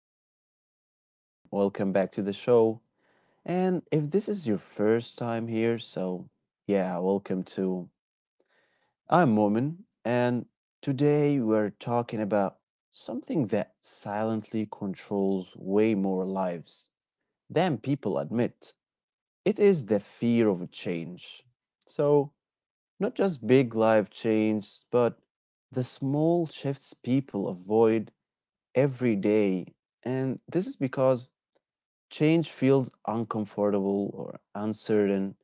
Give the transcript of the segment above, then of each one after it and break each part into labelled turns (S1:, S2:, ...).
S1: you all? And welcome back to the show. And if this is your first time here, welcome to. I'm Momin, and today we're talking about something that silently controls way more lives than people admit. It is the fear of change. So, not just big life change, but the small shifts people avoid every day. And this is because change feels uncomfortable or uncertain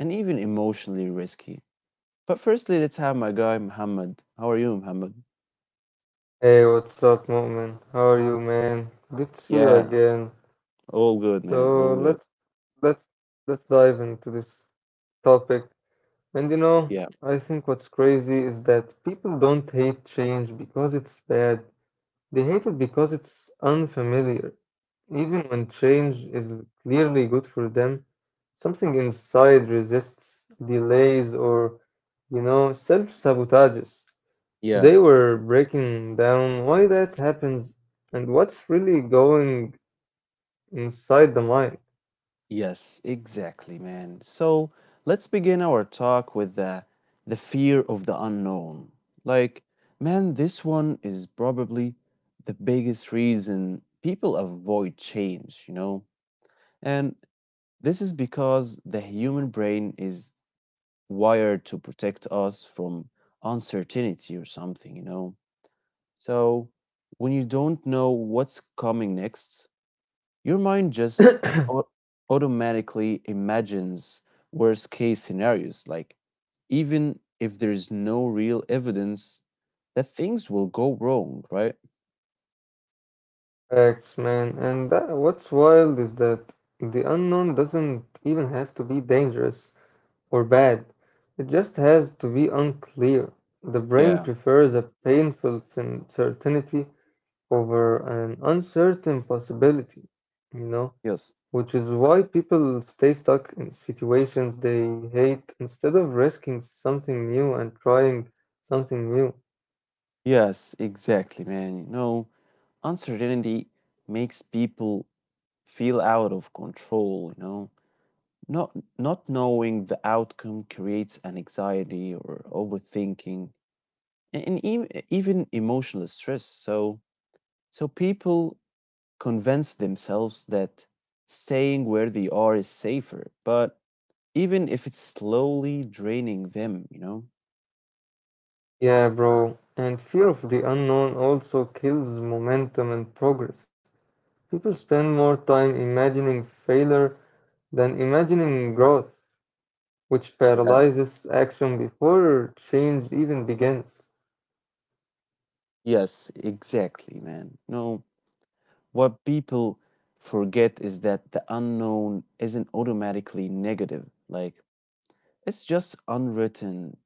S1: and even emotionally risky. But firstly, let's have my guy, Muhammad. How are you, Muhammad?
S2: Hey, what's up, Mu'min? How are you, man? Good to see you
S1: Yeah,
S2: again.
S1: all good,
S2: So
S1: man. All good.
S2: let's let's dive into this topic. And you know,
S1: Yeah.
S2: I think what's crazy is that people don't hate change because it's bad. They hate it because it's unfamiliar. Even when change is clearly good for them, something inside resists, delays, or self-sabotages. Today
S1: Yeah.
S2: we're breaking down why that happens and what's really going inside the mind.
S1: Yes, exactly, man. So let's begin our talk with the fear of the unknown. Like, man, this one is probably the biggest reason people avoid change, you know? And this is because the human brain is wired to protect us from uncertainty or something, you know. So when you don't know what's coming next, your mind just au- automatically imagines worst case scenarios, like even if there's no real evidence that things will go wrong, right?
S2: Facts, man. And that, what's wild is that the unknown doesn't even have to be dangerous or bad. It just has to be unclear. The brain
S1: Yeah,
S2: prefers a painful certainty over an uncertain possibility, you know?
S1: yes.
S2: Which is why people stay stuck in situations they hate instead of risking something new and trying something new.
S1: Yes, exactly, man. You know, uncertainty makes people feel out of control, you know. Not not knowing the outcome creates an anxiety or overthinking and even, even emotional stress. So so people convince themselves that staying where they are is safer, but even if it's slowly draining them, you know.
S2: Yeah, bro. And fear of the unknown also kills momentum and progress. People spend more time imagining failure than imagining growth, which
S1: Yeah.
S2: paralyzes action before change even begins.
S1: Yes, exactly, man. No, what people forget is that the unknown isn't automatically negative. Like it's just unwritten,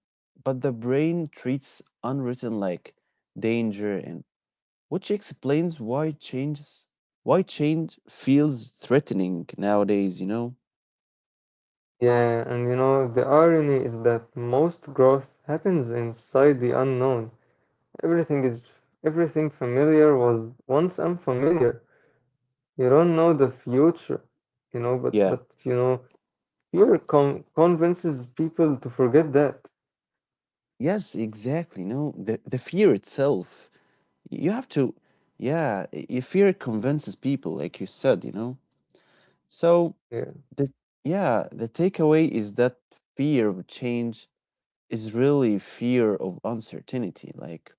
S1: but the brain treats unwritten like danger, and which explains why changes why change feels threatening nowadays, you know?
S2: Yeah, and you know, the irony is that most growth happens inside the unknown. Everything is everything familiar was once unfamiliar. You don't know the future, you know, but but
S1: Yeah.
S2: you know, fear con convinces people to forget that.
S1: Yes, exactly. No, the fear itself. You have to, yeah, your fear convinces people, like you said, you know. So
S2: Yeah,
S1: the yeah, the takeaway is that fear of change is really fear of uncertainty. Like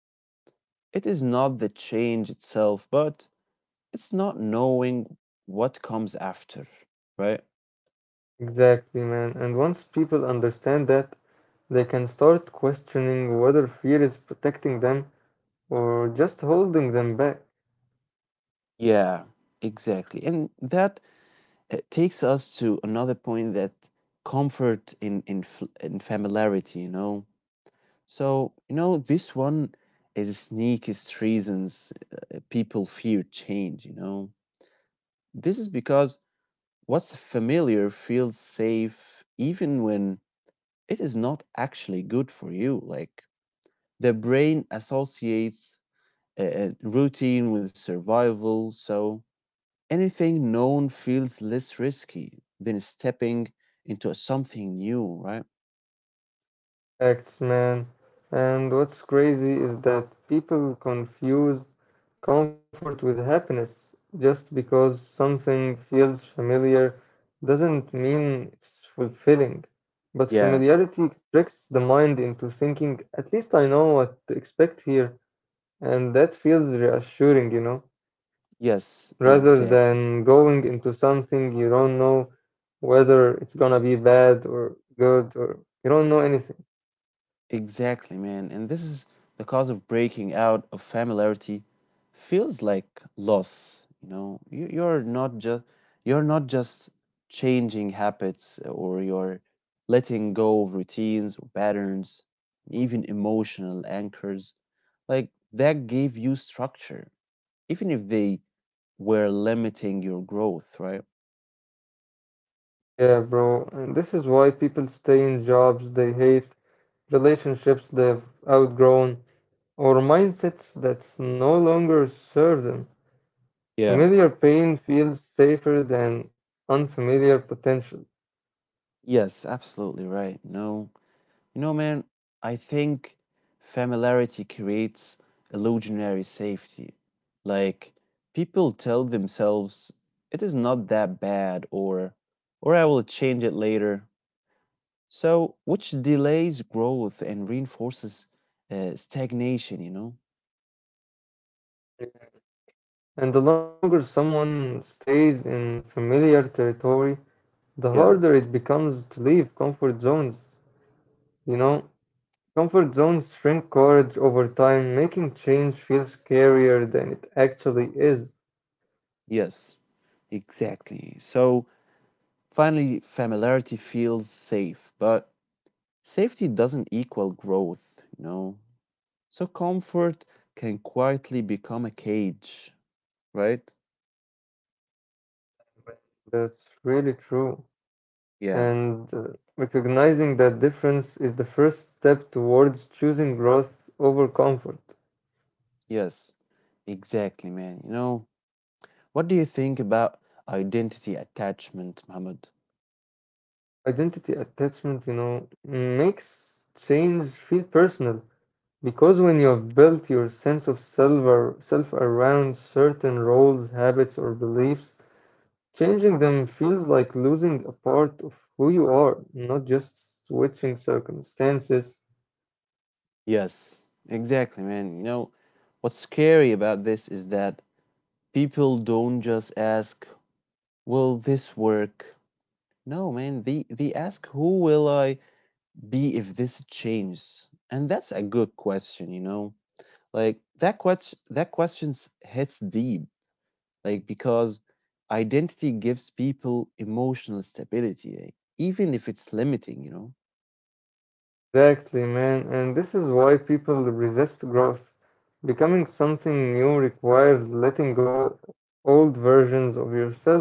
S1: it is not the change itself, but it's not knowing what comes after, right?
S2: exactly, man. And once people understand that, they can start questioning whether fear is protecting them or just holding them back.
S1: Yeah, exactly. And that, takes us to another point, that comfort in in familiarity, you know. So, you know, this one is the sneakiest reasons people fear change, you know. This is because what's familiar feels safe even when it is not actually good for you. Like the brain associates routine with survival, so anything known feels less risky than stepping into something new, right?
S2: Facts, man. And what's crazy is that people confuse comfort with happiness. Just because something feels familiar doesn't mean it's fulfilling. But
S1: Yeah,
S2: familiarity tricks the mind into thinking, at least I know what to expect here. And that feels reassuring, you know,
S1: yes,
S2: rather than going into something you don't know whether it's gonna be bad or good or you don't know anything.
S1: exactly, man. And this is the cause of breaking out of familiarity feels like loss. You know, you're not just you're not just changing habits or you're letting go of routines or patterns, even emotional anchors. Like that gave you structure, even if they were limiting your growth, right?
S2: Yeah, bro. And this is why people stay in jobs they hate, relationships they've outgrown, or mindsets that no longer serve them.
S1: Yeah.
S2: Familiar pain feels safer than unfamiliar potential.
S1: Yes, absolutely right. No. You know, man, I think familiarity creates illusionary safety. Like people tell themselves it is not that bad, or I will change it later. So, which delays growth and reinforces stagnation, you know?
S2: And the longer someone stays in familiar territory, the
S1: Yeah,
S2: harder it becomes to leave comfort zones. You know, comfort zones shrink courage over time, making change feel scarier than it actually is.
S1: yes. Exactly. So, finally familiarity feels safe, but safety doesn't equal growth, you know? So comfort can quietly become a cage, right?
S2: That's really true.
S1: Yeah,
S2: And recognizing that difference is the first step towards choosing growth over comfort.
S1: yes, exactly, man. You know, what do you think about identity attachment, Muhammad?
S2: Identity attachment, you know, makes change feel personal because when you have built your sense of self or self around certain roles, habits, or beliefs, changing them feels like losing a part of who you are, not just switching circumstances.
S1: Yes, exactly, man. You know, what's scary about this is that people don't just ask, will this work? No, man, they ask, who will I be if this changes? And that's a good question, you know? Like that question, that question hits deep, like because identity gives people emotional stability, like, even if it's limiting, you know.
S2: Exactly, man. And this is why people resist growth. Becoming something new requires letting go old versions of yourself.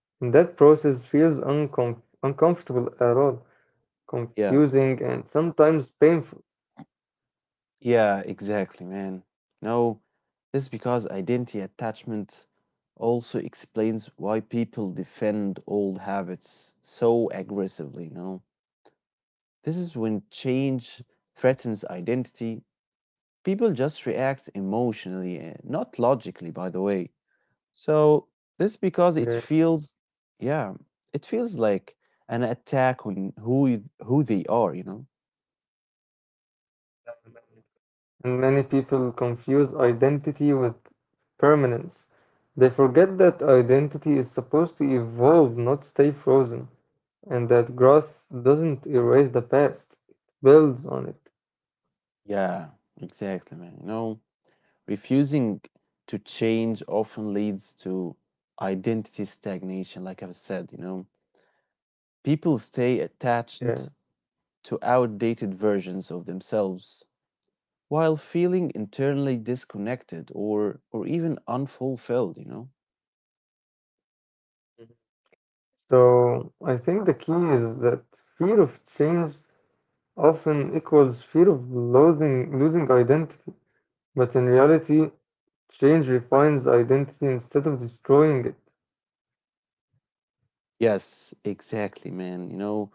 S2: And that process feels uncomfortable at all,
S1: Yeah,
S2: confusing and sometimes painful.
S1: yeah, exactly, man. No, this is because identity attachment also explains why people defend old habits so aggressively, you know. This is when change threatens identity, people just react emotionally and not logically, by the way. So this because
S2: Yeah.
S1: it feels, yeah, it feels like an attack on who who they are, you know.
S2: And many people confuse identity with permanence. They forget that identity is supposed to evolve, not stay frozen, and that growth doesn't erase the past, it builds on it.
S1: Yeah, exactly, man. You know, refusing to change often leads to identity stagnation, like I've said. You know, people stay
S2: Yeah.
S1: attached to outdated versions of themselves while feeling internally disconnected, or even unfulfilled. You know.
S2: So I think the key is that fear of change often equals fear of losing identity. But in reality, change refines identity instead of destroying it.
S1: Yes, exactly, man. You know,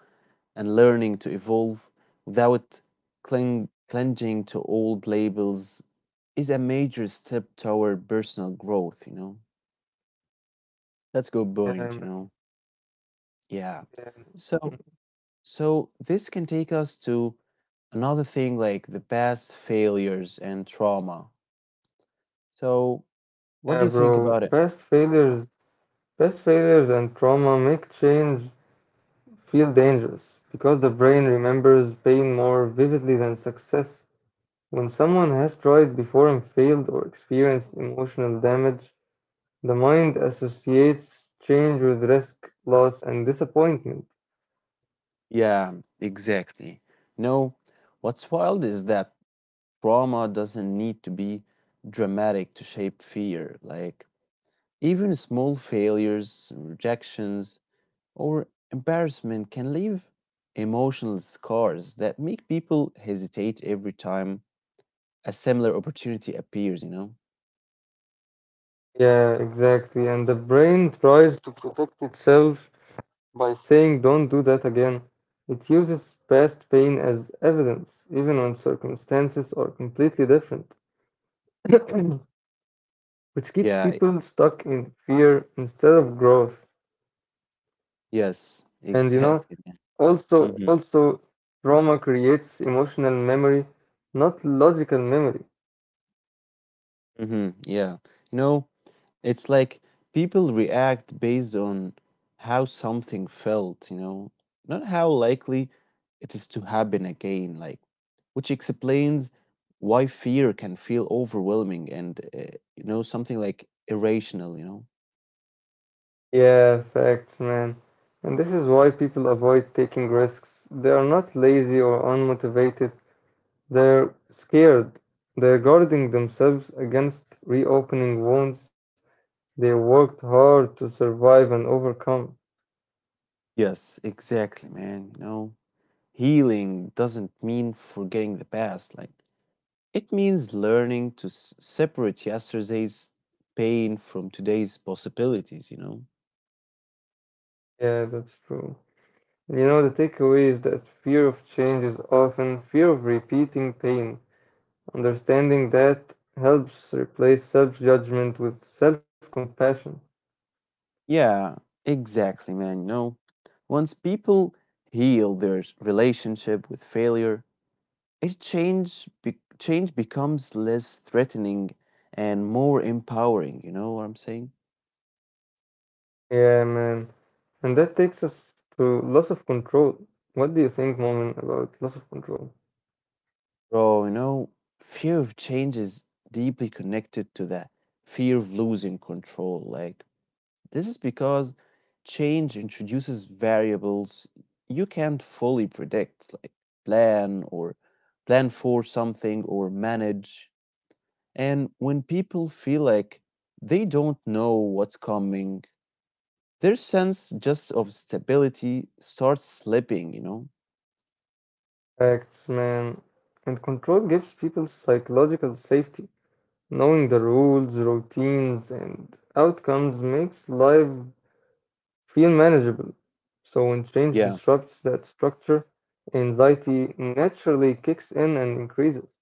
S1: and learning to evolve without clinging to old labels is a major step toward personal growth, you know. That's a good
S2: Um,
S1: point, you know. Yeah.
S2: um,
S1: So so this can take us to another thing, like the past failures and trauma. So
S2: yeah,
S1: what do you
S2: bro.
S1: think about it?
S2: Past failures and trauma make change feel dangerous because the brain remembers pain more vividly than success. When someone has tried before and failed or experienced emotional damage, the mind associates change with risk, loss, and disappointment.
S1: Yeah, exactly. No, what's wild is that trauma doesn't need to be dramatic to shape fear. Like even small failures, rejections, or embarrassment can leave emotional scars that make people hesitate every time a similar opportunity appears, you know?
S2: Yeah, exactly. And the brain tries to protect itself by saying, don't do that again. It uses past pain as evidence, even when circumstances are completely different, which keeps people
S1: Yeah,
S2: stuck in fear instead of growth.
S1: yes,
S2: And you know,
S1: exactly, man.
S2: also,
S1: Mm-hmm.
S2: also, trauma creates emotional memory, not logical memory.
S1: Mm-hmm. Yeah. You know, it's like people react based on how something felt, you know, not how likely it is to happen again. Like, which explains why fear can feel overwhelming and, you know, something like irrational, you know.
S2: Yeah, facts, man. And this is why people avoid taking risks. They are not lazy or unmotivated. They're scared. They're guarding themselves against reopening wounds they worked hard to survive and overcome.
S1: Yes, exactly, man. You know, healing doesn't mean forgetting the past. Like it means learning to separate yesterday's pain from today's possibilities, you know.
S2: Yeah, that's true. And you know, the takeaway is that fear of change is often fear of repeating pain. Understanding that helps replace self-judgment with self-compassion.
S1: Yeah, exactly, man. You know, once people heal their relationship with failure, it change becomes less threatening and more empowering. You know what I'm saying,
S2: Yeah, man. And that takes us to loss of control. What do you think, Moment, about loss of control?
S1: bro? You know, fear of change is deeply connected to the fear of losing control. Like this is because change introduces variables you can't fully predict, like plan, or plan for something or manage. And when people feel like they don't know what's coming, their sense just of stability starts slipping, you know?
S2: Facts, man. And control gives people psychological safety. Knowing the rules, routines, and outcomes makes life feel manageable. So when change
S1: Yeah.
S2: disrupts that structure, anxiety naturally kicks in and increases.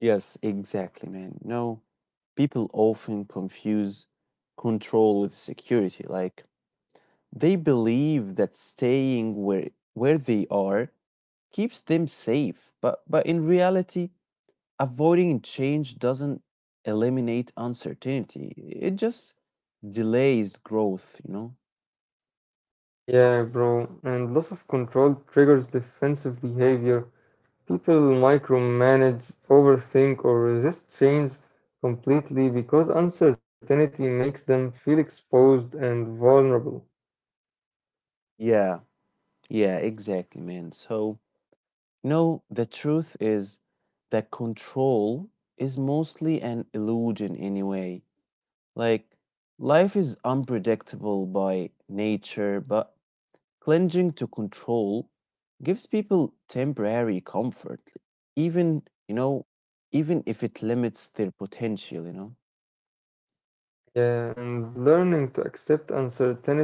S1: Yes, exactly, man. No, people often confuse control with security. Like they believe that staying where they are keeps them safe, but in reality, avoiding change doesn't eliminate uncertainty. It just delays growth, you know?
S2: Yeah, bro. And loss of control triggers defensive behavior. People micromanage, overthink, or resist change completely because uncertainty makes them feel exposed and vulnerable.
S1: Yeah, yeah, exactly, man. So, you know, the truth is that control is mostly an illusion anyway. Like, life is unpredictable by nature, but clinging to control gives people temporary comfort, even, you know, even if it limits their potential, you know?
S2: Yeah, and learning to accept uncertainty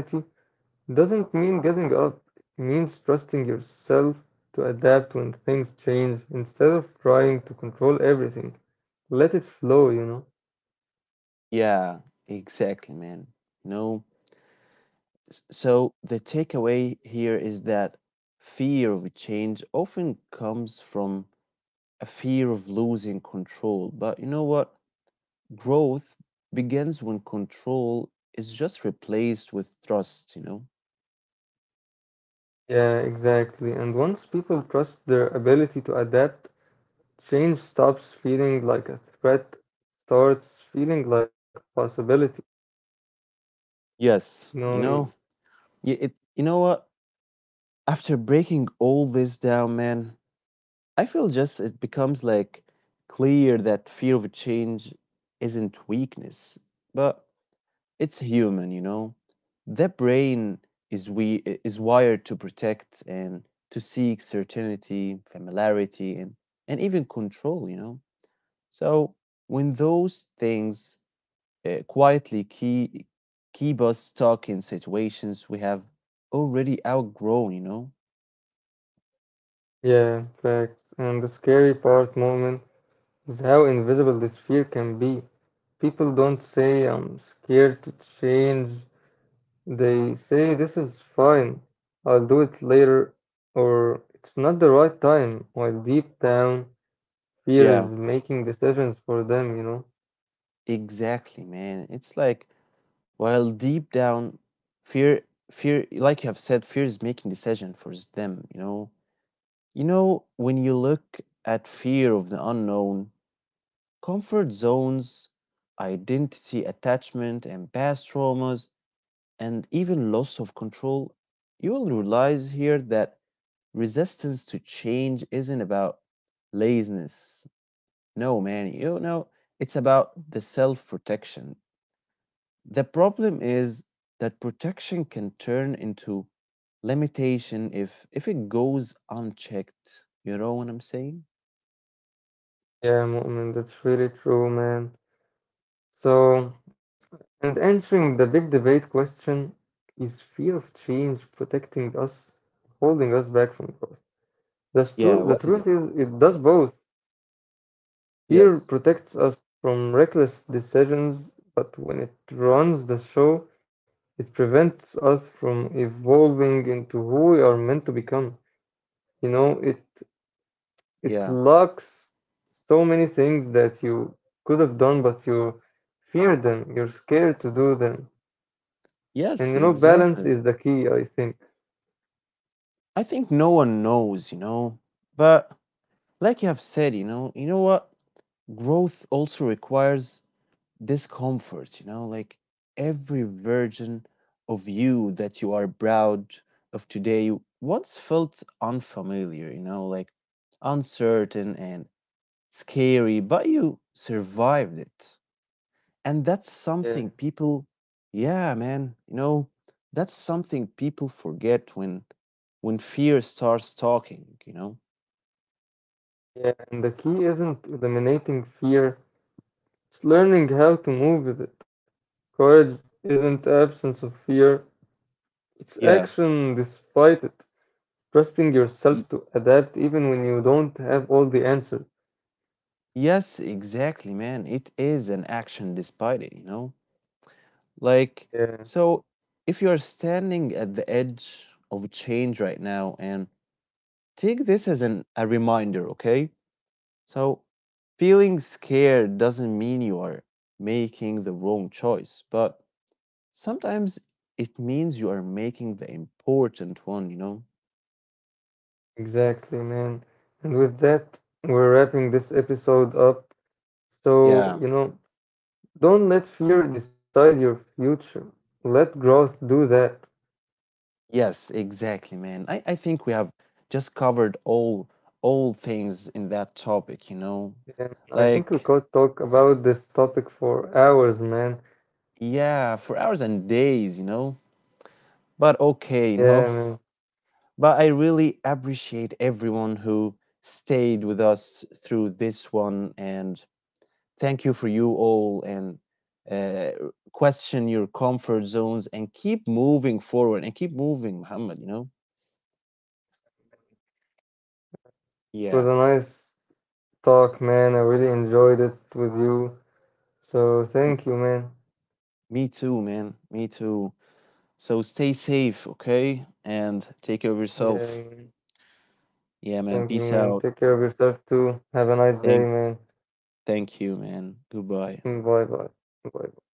S2: doesn't mean giving up, it means trusting yourself to adapt when things change instead of trying to control everything. Let it flow, you know?
S1: Yeah, exactly, man. You know, So the takeaway here is that fear of change often comes from a fear of losing control. But you know what? Growth begins when control is just replaced with trust, you know?
S2: Yeah, exactly. And once people trust their ability to adapt, change stops feeling like a threat, starts feeling like possibility. You
S1: Yes, you
S2: know,
S1: know, it, you know what? After breaking all this down, man, I feel just it becomes like clear that fear of change isn't weakness, but it's human, you know. The brain is we is wired to protect and to seek certainty, familiarity, and even control, you know. So when those things, quietly keep us stuck in situations we have already outgrown, you know.
S2: yeah, fact. And the scary part, moment, is how invisible this fear can be. People don't say, I'm scared to change. They say, this is fine. I'll do it later, or it's not the right time. While deep down, fear is
S1: Yeah,
S2: making decisions for them, you know?
S1: exactly, man. It's like while deep down, fear, like you have said, fear is making decision for them, you know. You know, when you look at fear of the unknown, comfort zones, identity attachment, and past traumas, and even loss of control, you will realize here that resistance to change isn't about laziness. No, man, you know, it's about the self protection. The problem is that protection can turn into limitation if it goes unchecked. You know what I'm saying?
S2: Yeah, moment, that's really true, man. So. And answering the big debate question, is fear of change protecting us, holding us back from growth?
S1: Yeah,
S2: The
S1: what is it?
S2: truth is, it does both. Fear
S1: Yes.
S2: protects us from reckless decisions, but when it runs the show, it prevents us from evolving into who we are meant to become. You know, it
S1: Yeah.
S2: it locks so many things that you could have done, but you fear them. You're scared to do them.
S1: Yes,
S2: And you know,
S1: exactly.
S2: balance is the key, I think.
S1: I think no one knows, you know. But like you have said, you know what? Growth also requires discomfort, you know, like every version of you that you are proud of today once felt unfamiliar, you know, like uncertain and scary, but you survived it. And that's
S2: Yeah,
S1: something people, yeah, man, you know, that's something people forget when fear starts talking, you know.
S2: yeah. And the key isn't eliminating fear, it's learning how to move with it. Courage isn't absence of fear, it's
S1: Yeah.
S2: action despite it. Trusting yourself to adapt even when you don't have all the answers.
S1: Yes, exactly, man. It is an action despite it, you know? Like,
S2: Yeah,
S1: so if you're standing at the edge of change right now, and take this as an, a reminder, okay? So feeling scared doesn't mean you are making the wrong choice, but sometimes it means you are making the important one, you know?
S2: exactly, man. And with that, we're wrapping this episode up.
S1: Yeah.
S2: So, you know, don't let fear decide your future. Let growth do that.
S1: Yes, exactly, man. I think we have just covered all things in that topic, you know?
S2: Yeah, I think we
S1: Like,
S2: could talk about this topic for hours, man.
S1: yeah, for hours and days, you know? But okay, you
S2: Yeah,
S1: know?
S2: man.
S1: But I really appreciate everyone who stayed with us through this one, and thank you for you all, and uh, question your comfort zones and keep moving forward and keep moving, Muhammad, you know?
S2: It was a
S1: Yeah,
S2: nice talk, man. I really enjoyed it with you. So thank you, man.
S1: me too, man. Me too. So stay safe, okay? And take care of
S2: Yeah,
S1: yourself.
S2: man.
S1: Yeah, man.
S2: Thank you,
S1: Peace
S2: man.
S1: out.
S2: Take care of yourself too. Have a nice day,
S1: Thank
S2: man.
S1: Thank you, man. Goodbye.
S2: Mm, bye bye. Bye.